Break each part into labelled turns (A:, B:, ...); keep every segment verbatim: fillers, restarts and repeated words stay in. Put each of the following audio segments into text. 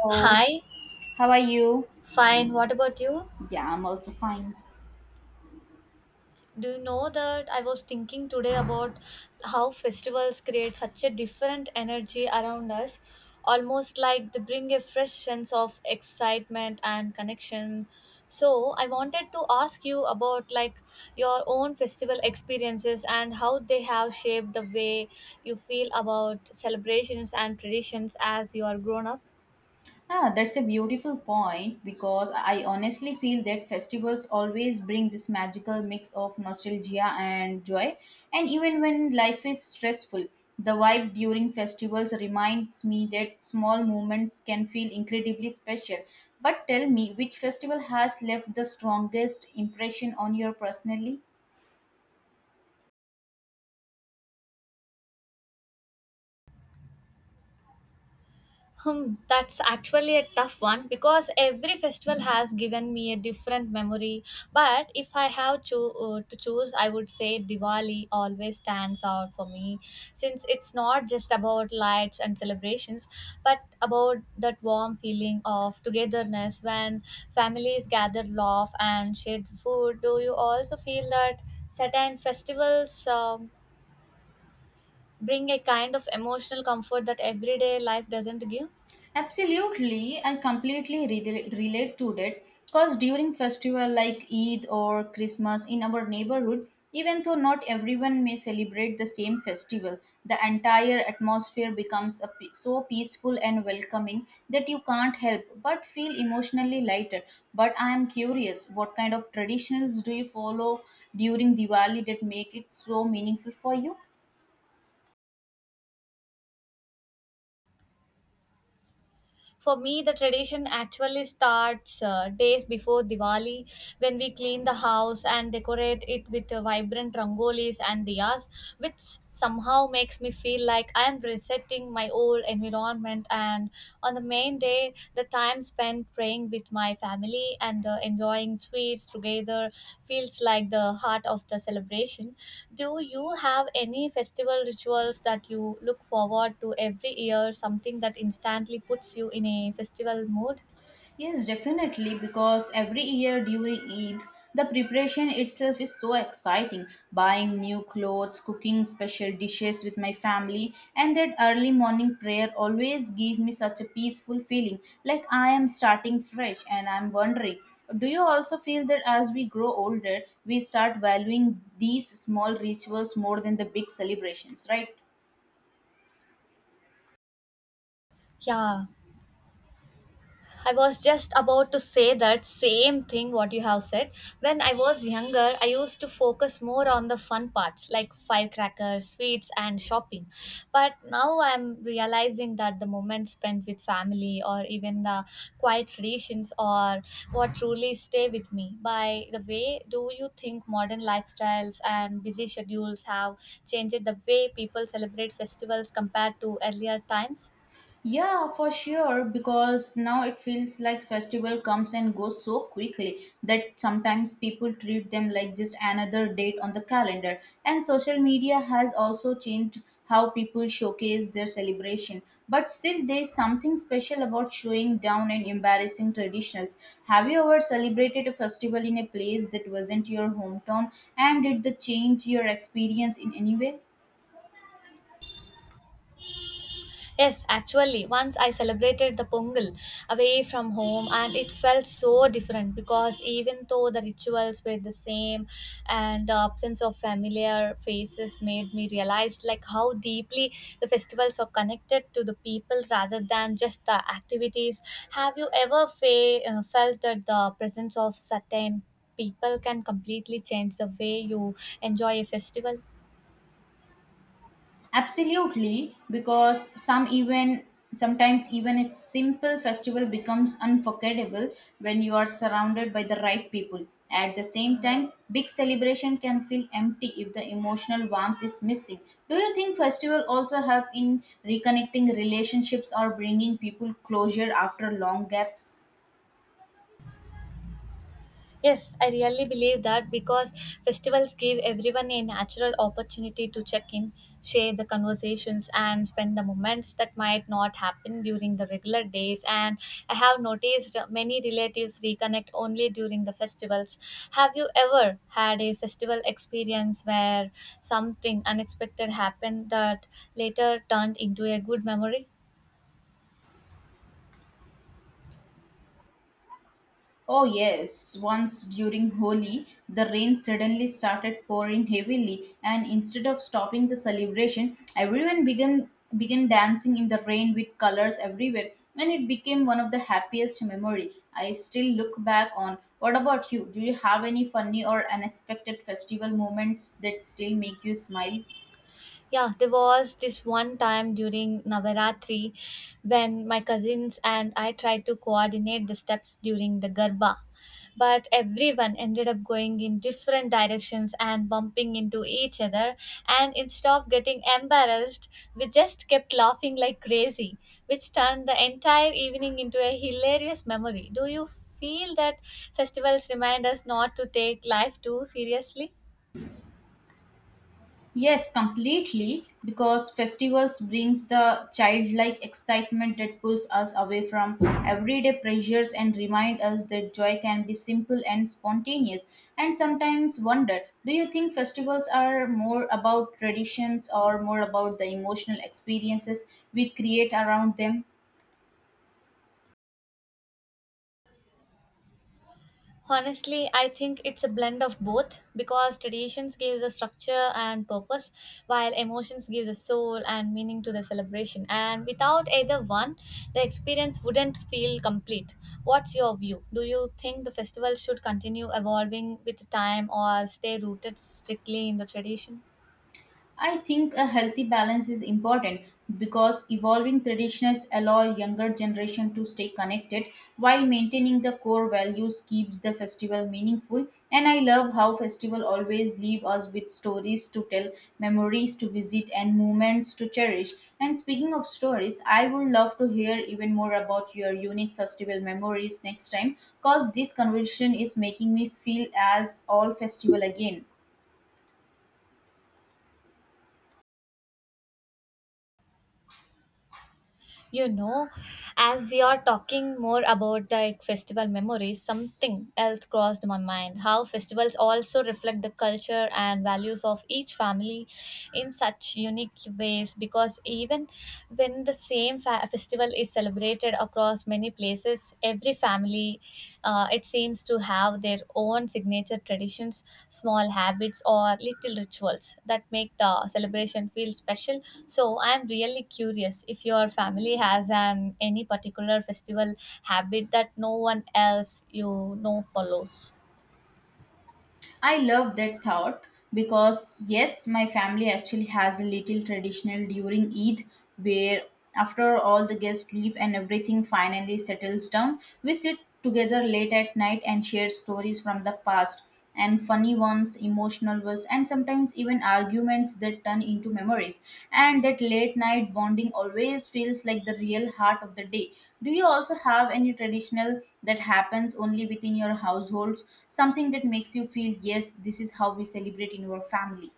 A: So,
B: Hi,
A: how are you?
B: fine. What about you?
A: Yeah, I'm also fine.
B: Do you know that I was thinking today about how festivals create such a different energy around us, almost like they bring a fresh sense of excitement and connection. So, I wanted to ask you about like your own festival experiences and how they have shaped the way you feel about celebrations and traditions as you are grown up.
A: Ah, that's a beautiful point because I honestly feel that festivals always bring this magical mix of nostalgia and joy. And even when life is stressful, the vibe during festivals reminds me that small moments can feel incredibly special. But tell me, which festival has left the strongest impression on your personally?
B: Hmm, that's actually a tough one because every festival has given me a different memory. But if I have cho- uh, to choose, I would say Diwali always stands out for me since it's not just about lights and celebrations, but about that warm feeling of togetherness when families gather, laugh, and share food. Do you also feel that certain festivals um, bring a kind of emotional comfort that everyday life doesn't give?
A: Absolutely, I completely re- relate to that. Cause during festival like Eid or Christmas in our neighborhood, even though not everyone may celebrate the same festival, the entire atmosphere becomes a pe- so peaceful and welcoming that you can't help but feel emotionally lighter. But I am curious, what kind of traditions do you follow during Diwali that make it so meaningful for you?
B: For me, the tradition actually starts uh, days before Diwali when we clean the house and decorate it with uh, vibrant rangolis and diyas, which somehow makes me feel like I am resetting my old environment. And on the main day, the time spent praying with my family and the enjoying sweets together feels like the heart of the celebration. Do you have any festival rituals that you look forward to every year, something that instantly puts you in a festival mood?
A: Yes, definitely, because every year during Eid, the preparation itself is so exciting. Buying new clothes, cooking special dishes with my family, and that early morning prayer always give me such a peaceful feeling, like I am starting fresh. And I'm wondering, do you also feel that as we grow older, we start valuing these small rituals more than the big celebrations, right?
B: Yeah. I was just about to say that same thing what you have said. When I was younger, I used to focus more on the fun parts like firecrackers, sweets, and shopping. But now I'm realizing that the moments spent with family or even the quiet traditions are what truly stay with me. By the way, do you think modern lifestyles and busy schedules have changed the way people celebrate festivals compared to earlier times?
A: Yeah, for sure, because now it feels like festival comes and goes so quickly that sometimes people treat them like just another date on the calendar. And social media has also changed how people showcase their celebration. But still there's something special about showing down and embarrassing traditionals. Have you ever celebrated a festival in a place that wasn't your hometown and did the change your experience in any way?
B: Yes, actually, once I celebrated the Pongal away from home, and it felt so different because even though the rituals were the same, and the absence of familiar faces made me realize like how deeply the festivals are connected to the people rather than just the activities. Have you ever fe- uh, felt that the presence of certain people can completely change the way you enjoy a festival?
A: Absolutely, because some even sometimes even a simple festival becomes unforgettable when you are surrounded by the right people. At the same time, big celebration can feel empty if the emotional warmth is missing. Do you think festival also help in reconnecting relationships or bringing people closure after long gaps?
B: Yes, I really believe that because festivals give everyone a natural opportunity to check in, share the conversations, and spend the moments that might not happen during the regular days. And I have noticed many relatives reconnect only during the festivals. Have you ever had a festival experience where something unexpected happened that later turned into a good memory?
A: Oh, yes. Once during Holi, the rain suddenly started pouring heavily, and instead of stopping the celebration, everyone began began dancing in the rain with colors everywhere, and it became one of the happiest memory I still look back on. What about you? Do you have any funny or unexpected festival moments that still make you smile?
B: Yeah, there was this one time during Navaratri when my cousins and I tried to coordinate the steps during the Garba. But everyone ended up going in different directions and bumping into each other. And instead of getting embarrassed, we just kept laughing like crazy, which turned the entire evening into a hilarious memory. Do you feel that festivals remind us not to take life too seriously?
A: Yes, completely, because festivals brings the childlike excitement that pulls us away from everyday pressures and remind us that joy can be simple and spontaneous. And sometimes wonder, do you think festivals are more about traditions or more about the emotional experiences we create around them?
B: Honestly, I think it's a blend of both because traditions give the structure and purpose, while emotions give the soul and meaning to the celebration. And without either one, the experience wouldn't feel complete. What's your view? Do you think the festival should continue evolving with time or stay rooted strictly in the tradition?
A: I think a healthy balance is important because evolving traditions allow younger generation to stay connected while maintaining the core values keeps the festival meaningful, and I love how festival always leave us with stories to tell, memories to visit, and moments to cherish. And speaking of stories, I would love to hear even more about your unique festival memories next time cause this conversation is making me feel as all festival again.
B: You know, as we are talking more about the like, festival memories, something else crossed my mind. How festivals also reflect the culture and values of each family in such unique ways because even when the same fa- festival is celebrated across many places, every family uh, it seems to have their own signature traditions, small habits or little rituals that make the celebration feel special. So I'm really curious if your family has an any particular festival habit that no one else, you know follows.
A: I love that thought because, yes, my family actually has a little traditional during Eid where, after all the guests leave and everything finally settles down, we sit together late at night and share stories from the past and funny ones, emotional nervous, and sometimes even arguments that turn into memories, and that late night bonding always feels like the real heart of the day. Do you also have any traditional that happens only within your households, something that makes you feel yes, this is how we celebrate in our family?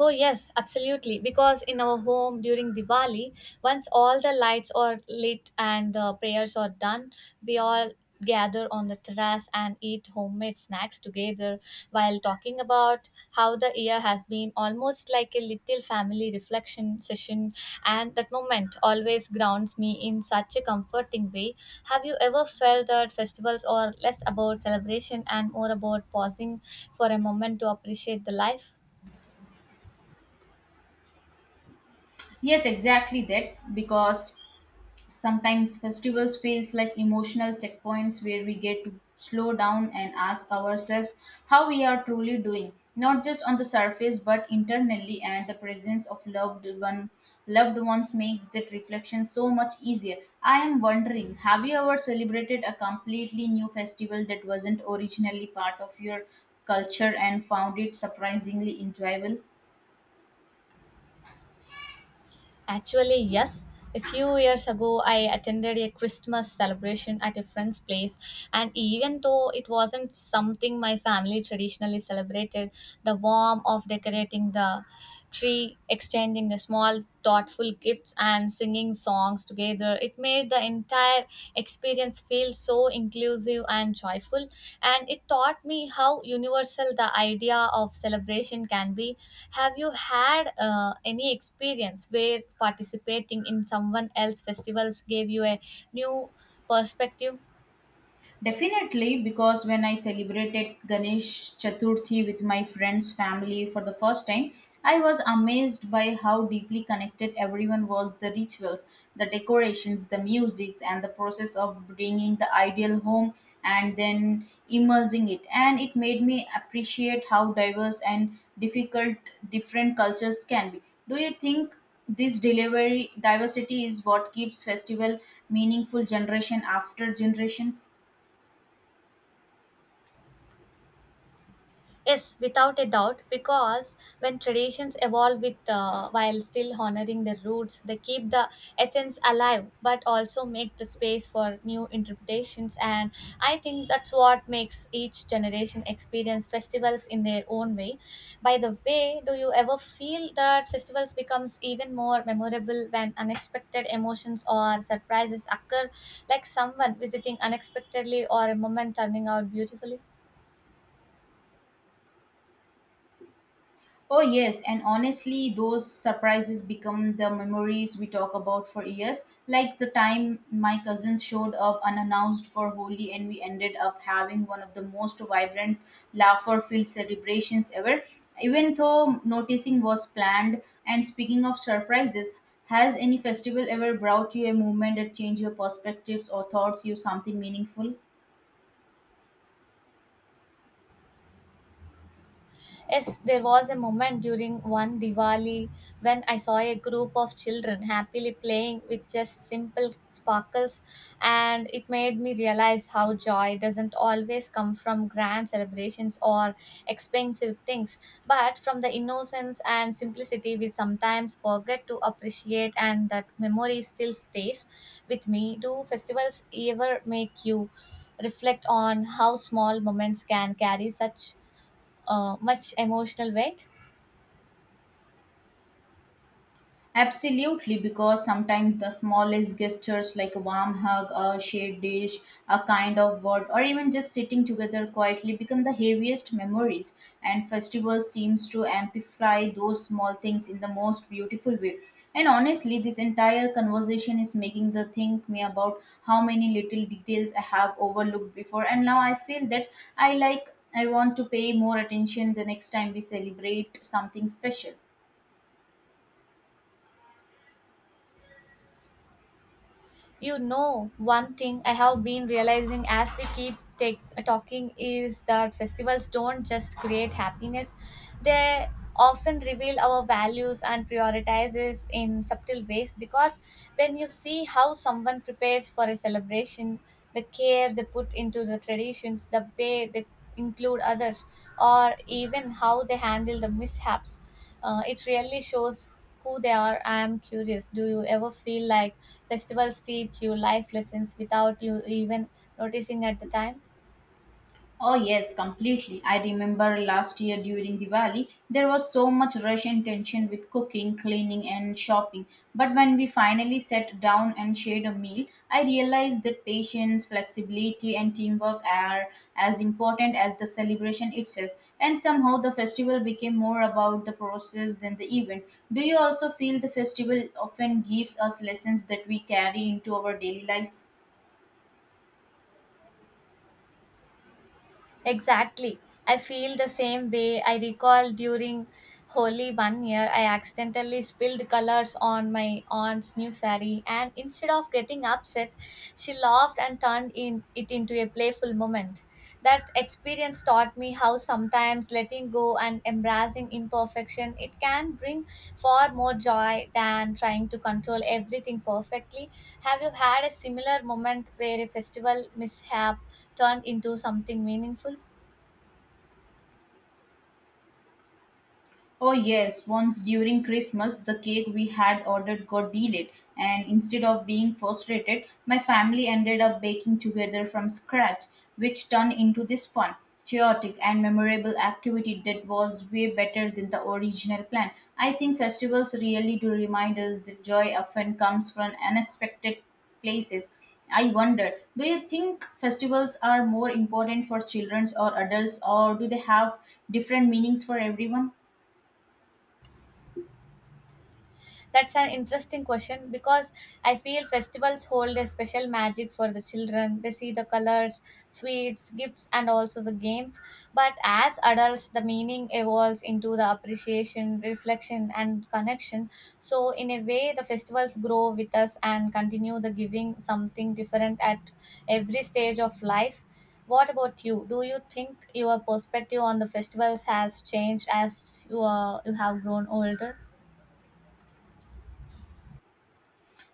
B: Oh, yes, absolutely. Because in our home during Diwali, once all the lights are lit and the prayers are done, we all gather on the terrace and eat homemade snacks together while talking about how the year has been, almost like a little family reflection session. And that moment always grounds me in such a comforting way. Have you ever felt that festivals are less about celebration and more about pausing for a moment to appreciate the life?
A: Yes, exactly that, because sometimes festivals feels like emotional checkpoints where we get to slow down and ask ourselves how we are truly doing, not just on the surface but internally, and the presence of loved one loved ones makes that reflection so much easier. I am wondering, have you ever celebrated a completely new festival that wasn't originally part of your culture and found it surprisingly enjoyable?
B: Actually, yes. A few years ago, I attended a Christmas celebration at a friend's place, and even though it wasn't something my family traditionally celebrated, the warmth of decorating the tree, exchanging the small thoughtful gifts, and singing songs together, it made the entire experience feel so inclusive and joyful, and it taught me how universal the idea of celebration can be. Have you had uh, any experience where participating in someone else's festivals gave you a new perspective?
A: Definitely, because when I celebrated Ganesh Chaturthi with my friends' family for the first time, I was amazed by how deeply connected everyone was the rituals, the decorations, the music, and the process of bringing the ideal home and then immersing it. And it made me appreciate how diverse and difficult different cultures can be. Do you think this delivery diversity is what keeps festival meaningful generation after generations?
B: Yes, without a doubt, because when traditions evolve with, uh, while still honoring their roots, they keep the essence alive, but also make the space for new interpretations. And I think that's what makes each generation experience festivals in their own way. By the way, do you ever feel that festivals becomes even more memorable when unexpected emotions or surprises occur, like someone visiting unexpectedly or a moment turning out beautifully?
A: Oh, yes, and honestly, those surprises become the memories we talk about for years. Like the time my cousins showed up unannounced for Holi, and we ended up having one of the most vibrant, laughter filled celebrations ever. Even though noticing was planned, and speaking of surprises, has any festival ever brought you a moment that changed your perspectives or thoughts you something meaningful?
B: Yes, there was a moment during one Diwali when I saw a group of children happily playing with just simple sparkles, and it made me realize how joy doesn't always come from grand celebrations or expensive things, but from the innocence and simplicity we sometimes forget to appreciate, and that memory still stays with me. Do festivals ever make you reflect on how small moments can carry such? uh, much emotional weight.
A: Absolutely, because sometimes the smallest gestures like a warm hug, a shared dish, a kind of word, or even just sitting together quietly become the heaviest memories. And festival seems to amplify those small things in the most beautiful way. And honestly, this entire conversation is making the think me about how many little details I have overlooked before. And now I feel that I like I want to pay more attention the next time we celebrate something special.
B: You know, one thing I have been realizing as we keep take, talking is that festivals don't just create happiness, they often reveal our values and prioritizes in subtle ways because when you see how someone prepares for a celebration, the care they put into the traditions, the way they include others, or even how they handle the mishaps, Uh, it really shows who they are. I am curious. Do you ever feel like festivals teach you life lessons without you even noticing at the time?
A: Oh, yes, completely. I remember last year during Diwali, there was so much rush and tension with cooking, cleaning, and shopping. But when we finally sat down and shared a meal, I realized that patience, flexibility, and teamwork are as important as the celebration itself. And somehow the festival became more about the process than the event. Do you also feel the festival often gives us lessons that we carry into our daily lives?
B: Exactly. I feel the same way. I recall during Holi one year, I accidentally spilled colors on my aunt's new sari, and instead of getting upset, she laughed and turned in, it into a playful moment. That experience experience taught me how sometimes letting go and embracing imperfection it can bring far more joy than trying to control everything perfectly. Have you had a similar moment where a festival mishap turned into something meaningful?
A: Oh, yes, once during Christmas, the cake we had ordered got delayed, and instead of being frustrated, my family ended up baking together from scratch, which turned into this fun, chaotic, and memorable activity that was way better than the original plan. I think festivals really do remind us that joy often comes from unexpected places. I wonder, do you think festivals are more important for children or adults, or do they have different meanings for everyone?
B: That's an interesting question because I feel festivals hold a special magic for the children. They see the colors, sweets, gifts, and also the games. But as adults, the meaning evolves into the appreciation, reflection, and connection. So, in a way, the festivals grow with us and continue the giving something different at every stage of life. What about you? Do you think your perspective on the festivals has changed as you, are, you have grown older?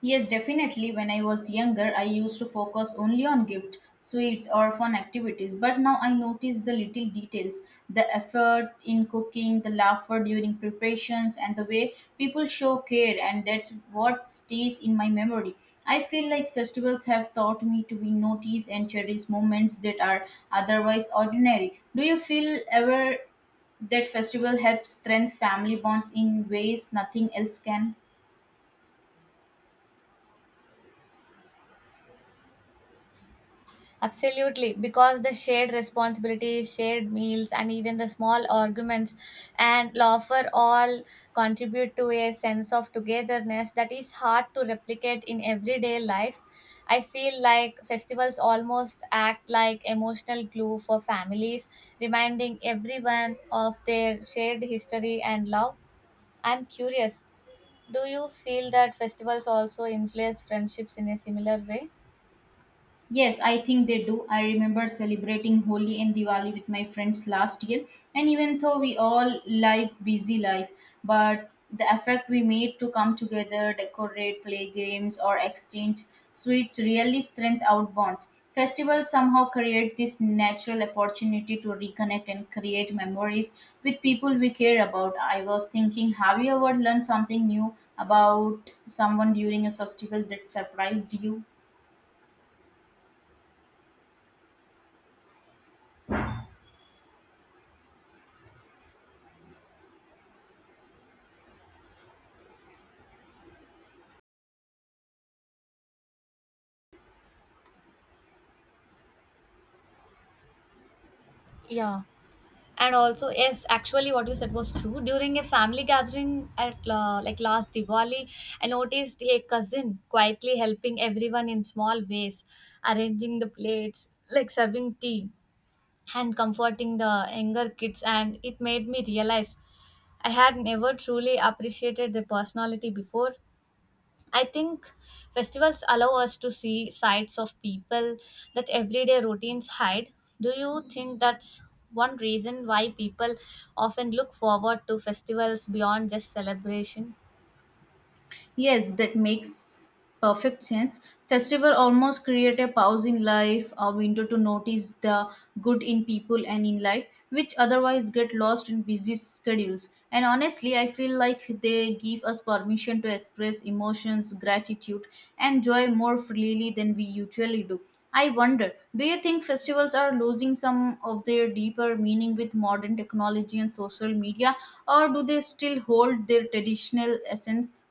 A: Yes, definitely. When I was younger, I used to focus only on gift, sweets, or fun activities. But now I notice the little details, the effort in cooking, the laughter during preparations, and the way people show care. And that's what stays in my memory. I feel like festivals have taught me to be notice and cherish moments that are otherwise ordinary. Do you feel ever that festival helps strengthen family bonds in ways nothing else can?
B: Absolutely, because the shared responsibilities, shared meals, and even the small arguments and laughter all contribute to a sense of togetherness that is hard to replicate in everyday life. I feel like festivals almost act like emotional glue for families, reminding everyone of their shared history and love. I'm curious, do you feel that festivals also influence friendships in a similar way?
A: Yes, I think they do. I remember celebrating Holi and Diwali with my friends last year, and even though we all live busy life, but the effect we made to come together, decorate, play games, or exchange sweets really strength out bonds. Festivals somehow create this natural opportunity to reconnect and create memories with people we care about. I was thinking, have you ever learned something new about someone during a festival that surprised you?
B: Yeah. And also, yes, actually, what you said was true. During a family gathering at uh, like last Diwali, I noticed a cousin quietly helping everyone in small ways, arranging the plates, like serving tea, and comforting the younger kids. And it made me realize I had never truly appreciated their personality before. I think festivals allow us to see sides of people that everyday routines hide. Do you think that's one reason why people often look forward to festivals beyond just celebration?
A: Yes, that makes perfect sense. Festival almost create a pause in life, a window to notice the good in people and in life, which otherwise get lost in busy schedules. And honestly, I feel like they give us permission to express emotions, gratitude, and joy more freely than we usually do. I wonder, do you think festivals are losing some of their deeper meaning with modern technology and social media, or do they still hold their traditional essence?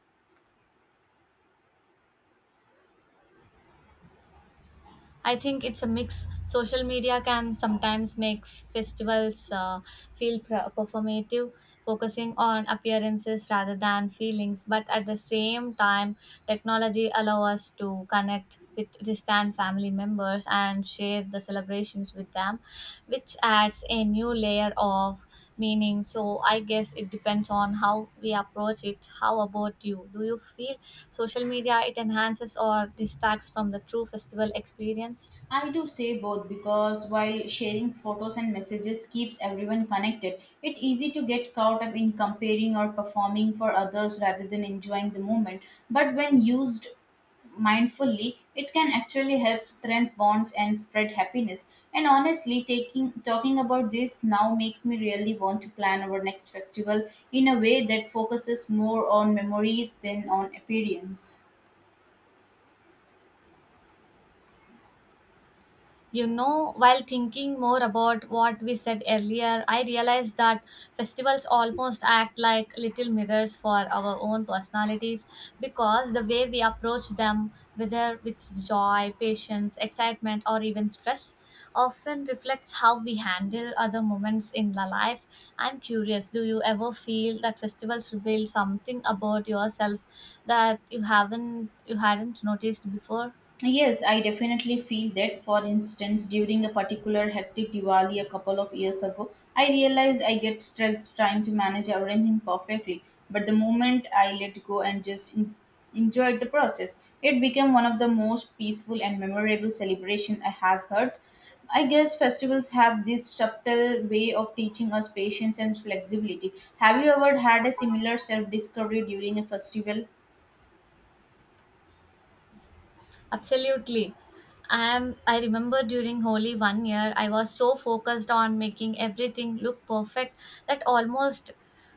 B: I think it's a mix. Social media can sometimes make festivals uh, feel pr- performative, focusing on appearances rather than feelings. But at the same time, technology allows us to connect with distant family members and share the celebrations with them, which adds a new layer of meaning. So I guess it depends on how we approach it. How about you? Do you feel social media it enhances or distracts from the true festival experience?
A: I do say both because while sharing photos and messages keeps everyone connected, it's easy to get caught up in comparing or performing for others rather than enjoying the moment. But when used mindfully, it can actually help strengthen bonds and spread happiness. And honestly, taking talking about this now makes me really want to plan our next festival in a way that focuses more on memories than on appearance.
B: You know, while thinking more about what we said earlier, I realized that festivals almost act like little mirrors for our own personalities because the way we approach them, whether with joy, patience, excitement, or even stress, often reflects how we handle other moments in la life. I'm curious, do you ever feel that festivals reveal something about yourself that you haven't you hadn't noticed before?
A: Yes, I definitely feel that. For instance, during a particular hectic Diwali a couple of years ago, I realized I get stressed trying to manage everything perfectly. But the moment I let go and just en- enjoyed the process, it became one of the most peaceful and memorable celebration I have heard. I guess festivals have this subtle way of teaching us patience and flexibility. Have you ever had a similar self discovery during a festival?
B: Absolutely. I am I remember during Holi one year I was so focused on making everything look perfect that almost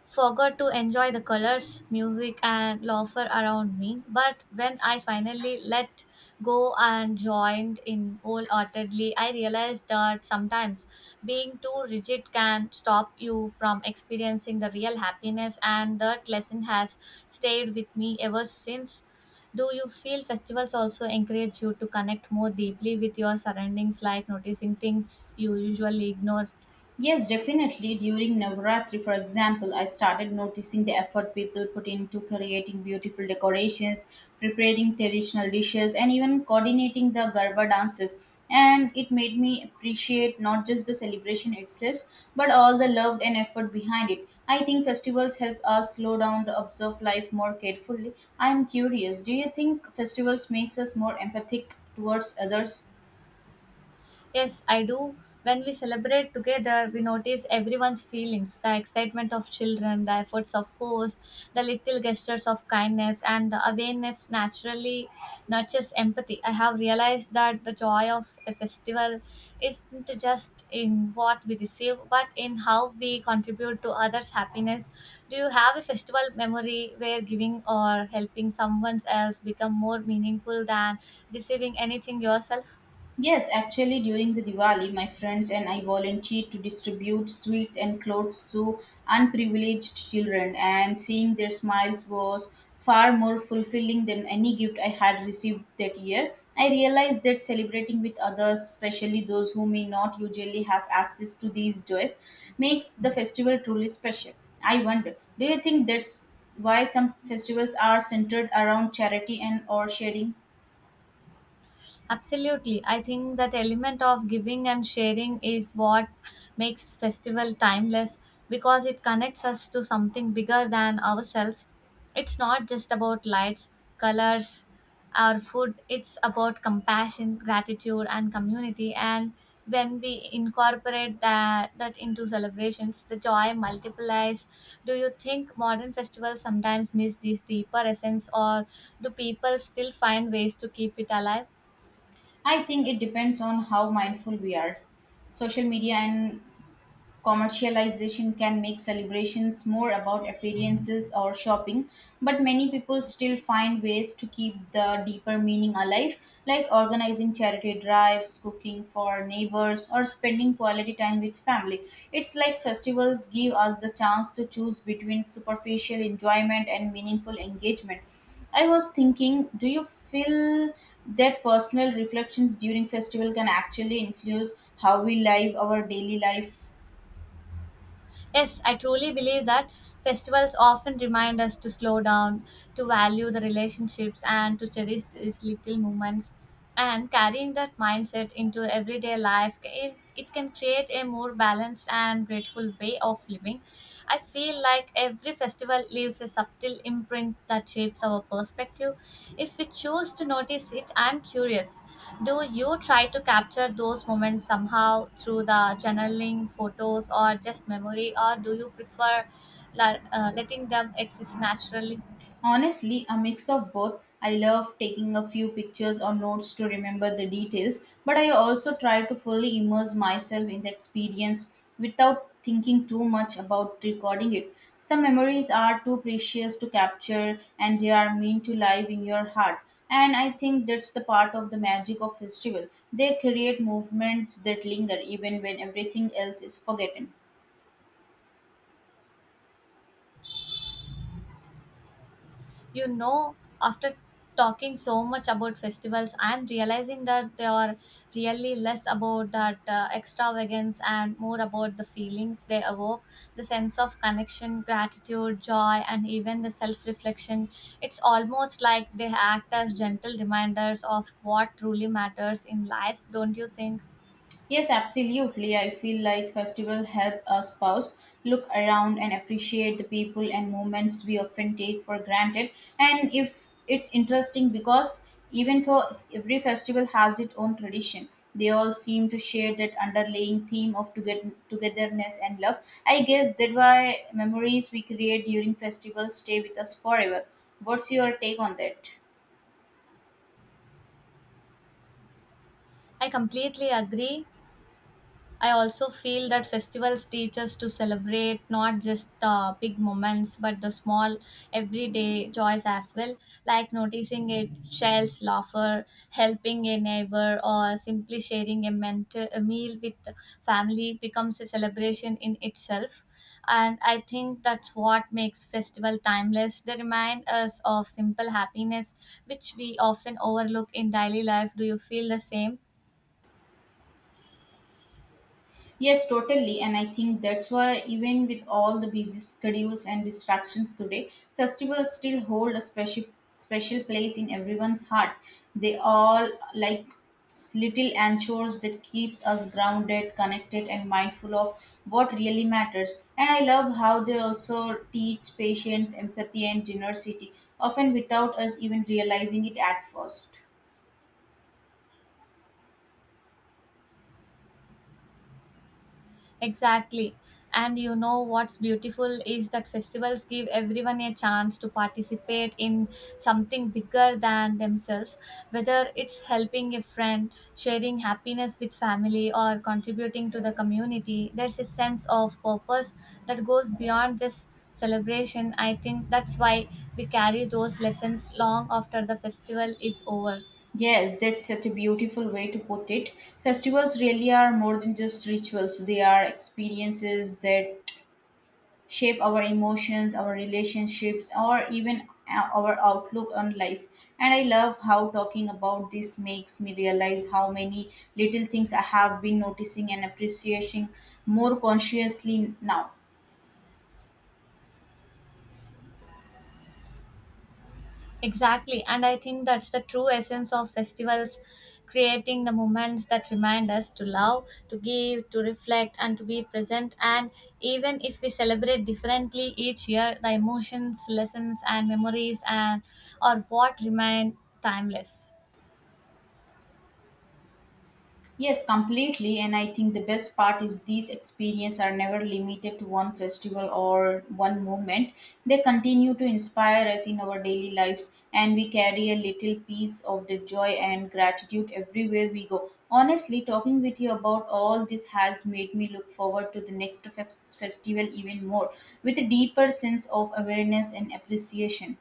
B: forgot to enjoy the colors, music and laughter around me. But when I finally let go and joined in wholeheartedly, I realized that sometimes being too rigid can stop you from experiencing the real happiness, and that lesson has stayed with me ever since. Do you feel festivals also encourage you to connect more deeply with your surroundings, like noticing things you usually ignore?
A: Yes, definitely. During Navratri, for example, I started noticing the effort people put into creating beautiful decorations, preparing traditional dishes, and even coordinating the Garba dances. And it made me appreciate not just the celebration itself, but all the love and effort behind it. I think festivals help us slow down the observe life more carefully. I am curious, do you think festivals makes us more empathic towards others?
B: Yes, I do. When we celebrate together, we notice everyone's feelings, the excitement of children, the efforts of hosts, the little gestures of kindness, and the awareness naturally nurtures empathy. I have realized that the joy of a festival isn't just in what we receive, but in how we contribute to others' happiness. Do you have a festival memory where giving or helping someone else become more meaningful than receiving anything yourself?
A: Yes, actually, during the Diwali, my friends and I volunteered to distribute sweets and clothes to unprivileged children, and seeing their smiles was far more fulfilling than any gift I had received that year. I realized that celebrating with others, especially those who may not usually have access to these joys, makes the festival truly special. I wonder, do you think that's why some festivals are centered around charity and or sharing?
B: Absolutely. I think that element of giving and sharing is what makes festival timeless, because it connects us to something bigger than ourselves. It's not just about lights, colors, or food, it's about compassion, gratitude, and community. And when we incorporate that, that into celebrations, the joy multiplies. Do you think modern festivals sometimes miss this deeper essence, or do people still find ways to keep it alive?
A: I think it depends on how mindful we are. Social media and commercialization can make celebrations more about appearances or shopping, but many people still find ways to keep the deeper meaning alive, like organizing charity drives, cooking for neighbors, or spending quality time with family. It's like festivals give us the chance to choose between superficial enjoyment and meaningful engagement. I was thinking, do you feel that personal reflections during festival can actually influence how we live our daily life?
B: Yes, I truly believe that festivals often remind us to slow down, to value the relationships, and to cherish these little moments. And carrying that mindset into everyday life, it, it can create a more balanced and grateful way of living. I feel like every every festival leaves a subtle imprint that shapes our perspective, if we choose to notice it. I'm curious, do you try to capture those moments somehow through the journaling, photos, or just memory, or do you prefer la- uh, letting them exist naturally?
A: Honestly, a mix of both. I love taking a few pictures or notes to remember the details, but I also try to fully immerse myself in the experience without thinking too much about recording it. Some memories are too precious to capture and they are meant to live in your heart. And I think that's the part of the magic of festival. They create movements that linger even when everything else is forgotten.
B: You know, after talking so much about festivals, I am realizing that they are really less about that uh, extravagance and more about the feelings they evoke, the sense of connection, gratitude, joy, and even the self reflection. It's almost like they act as gentle reminders of what truly matters in life, don't you think?
A: Yes, absolutely. I feel like festival help us pause, look around and appreciate the people and moments we often take for granted. And if it's interesting because even though every festival has its own tradition, they all seem to share that underlying theme of toget- togetherness and love. I guess that why memories we create during festivals stay with us forever. What's your take on that?
B: I completely agree. I also feel that festivals teach us to celebrate not just the big moments but the small everyday joys as well, like noticing a child's laughter, helping a neighbor, or simply sharing a, mental, a meal with family becomes a celebration in itself. And I think that's what makes festival timeless. They remind us of simple happiness, which we often overlook in daily life. Do you feel the same?
A: Yes, totally. And I think that's why, even with all the busy schedules and distractions today, festivals still hold a special special place in everyone's heart. They all like s- little anchors that keeps us grounded, connected, and mindful of what really matters. And I love how they also teach patience, empathy, and generosity, often without us even realizing it at first.
B: Exactly. And you know what's beautiful is that festivals give everyone a chance to participate in something bigger than themselves, whether it's helping a friend, sharing happiness with family, or contributing to the community. There's a sense of purpose that goes beyond just celebration. I think that's why we carry those lessons long after the festival is over.
A: Yes, that's such a beautiful way to put it. Festivals really are more than just rituals, they are experiences that shape our emotions, our relationships, or even o- our outlook on life. And I love how talking about this makes me realize how many little things I have been noticing and appreciating more consciously now.
B: Exactly, and I think that's the true essence of festivals, creating the moments that remind us to love, to give, to reflect, and to be present. And even if we celebrate differently each year, the emotions, lessons, and memories and are what remain timeless.
A: Yes, completely. And I think the best part is these experiences are never limited to one festival or one movement. They continue to inspire us in our daily lives, and we carry a little piece of the joy and gratitude everywhere we go. Honestly, talking with you about all this has made me look forward to the next fes- festival even more with a deeper sense of awareness and appreciation.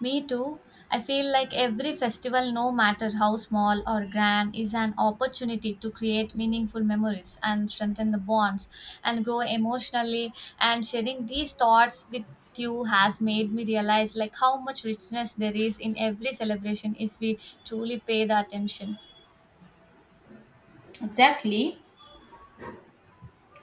B: Me too. I feel like every festival, no matter how small or grand, is an opportunity to create meaningful memories and strengthen the bonds and grow emotionally. And sharing these thoughts with you has made me realize like how much richness there is in every celebration if we truly pay the attention.
A: Exactly.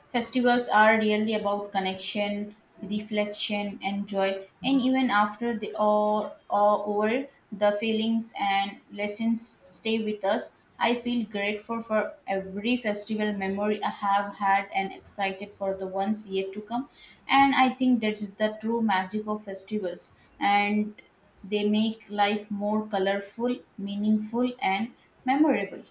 A: Festivals are really about connection, reflection, and joy, and even after they are, are over, the feelings and lessons stay with us. I feel grateful for every festival memory I have had and excited for the ones yet to come. And I think that is the true magic of festivals, and they make life more colorful, meaningful, and memorable.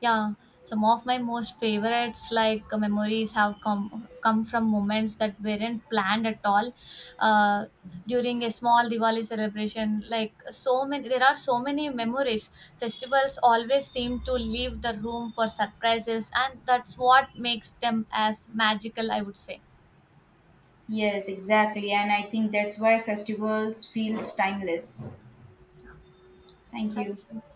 B: Yeah, some of my most favorites, like uh, memories, have come come from moments that weren't planned at all. Uh, During a small Diwali celebration, like so many, there are so many memories. Festivals always seem to leave the room for surprises, and that's what makes them as magical, I would say.
A: Yes, exactly. And I think that's why festivals feels timeless. Thank
B: Thank
A: you.
B: you.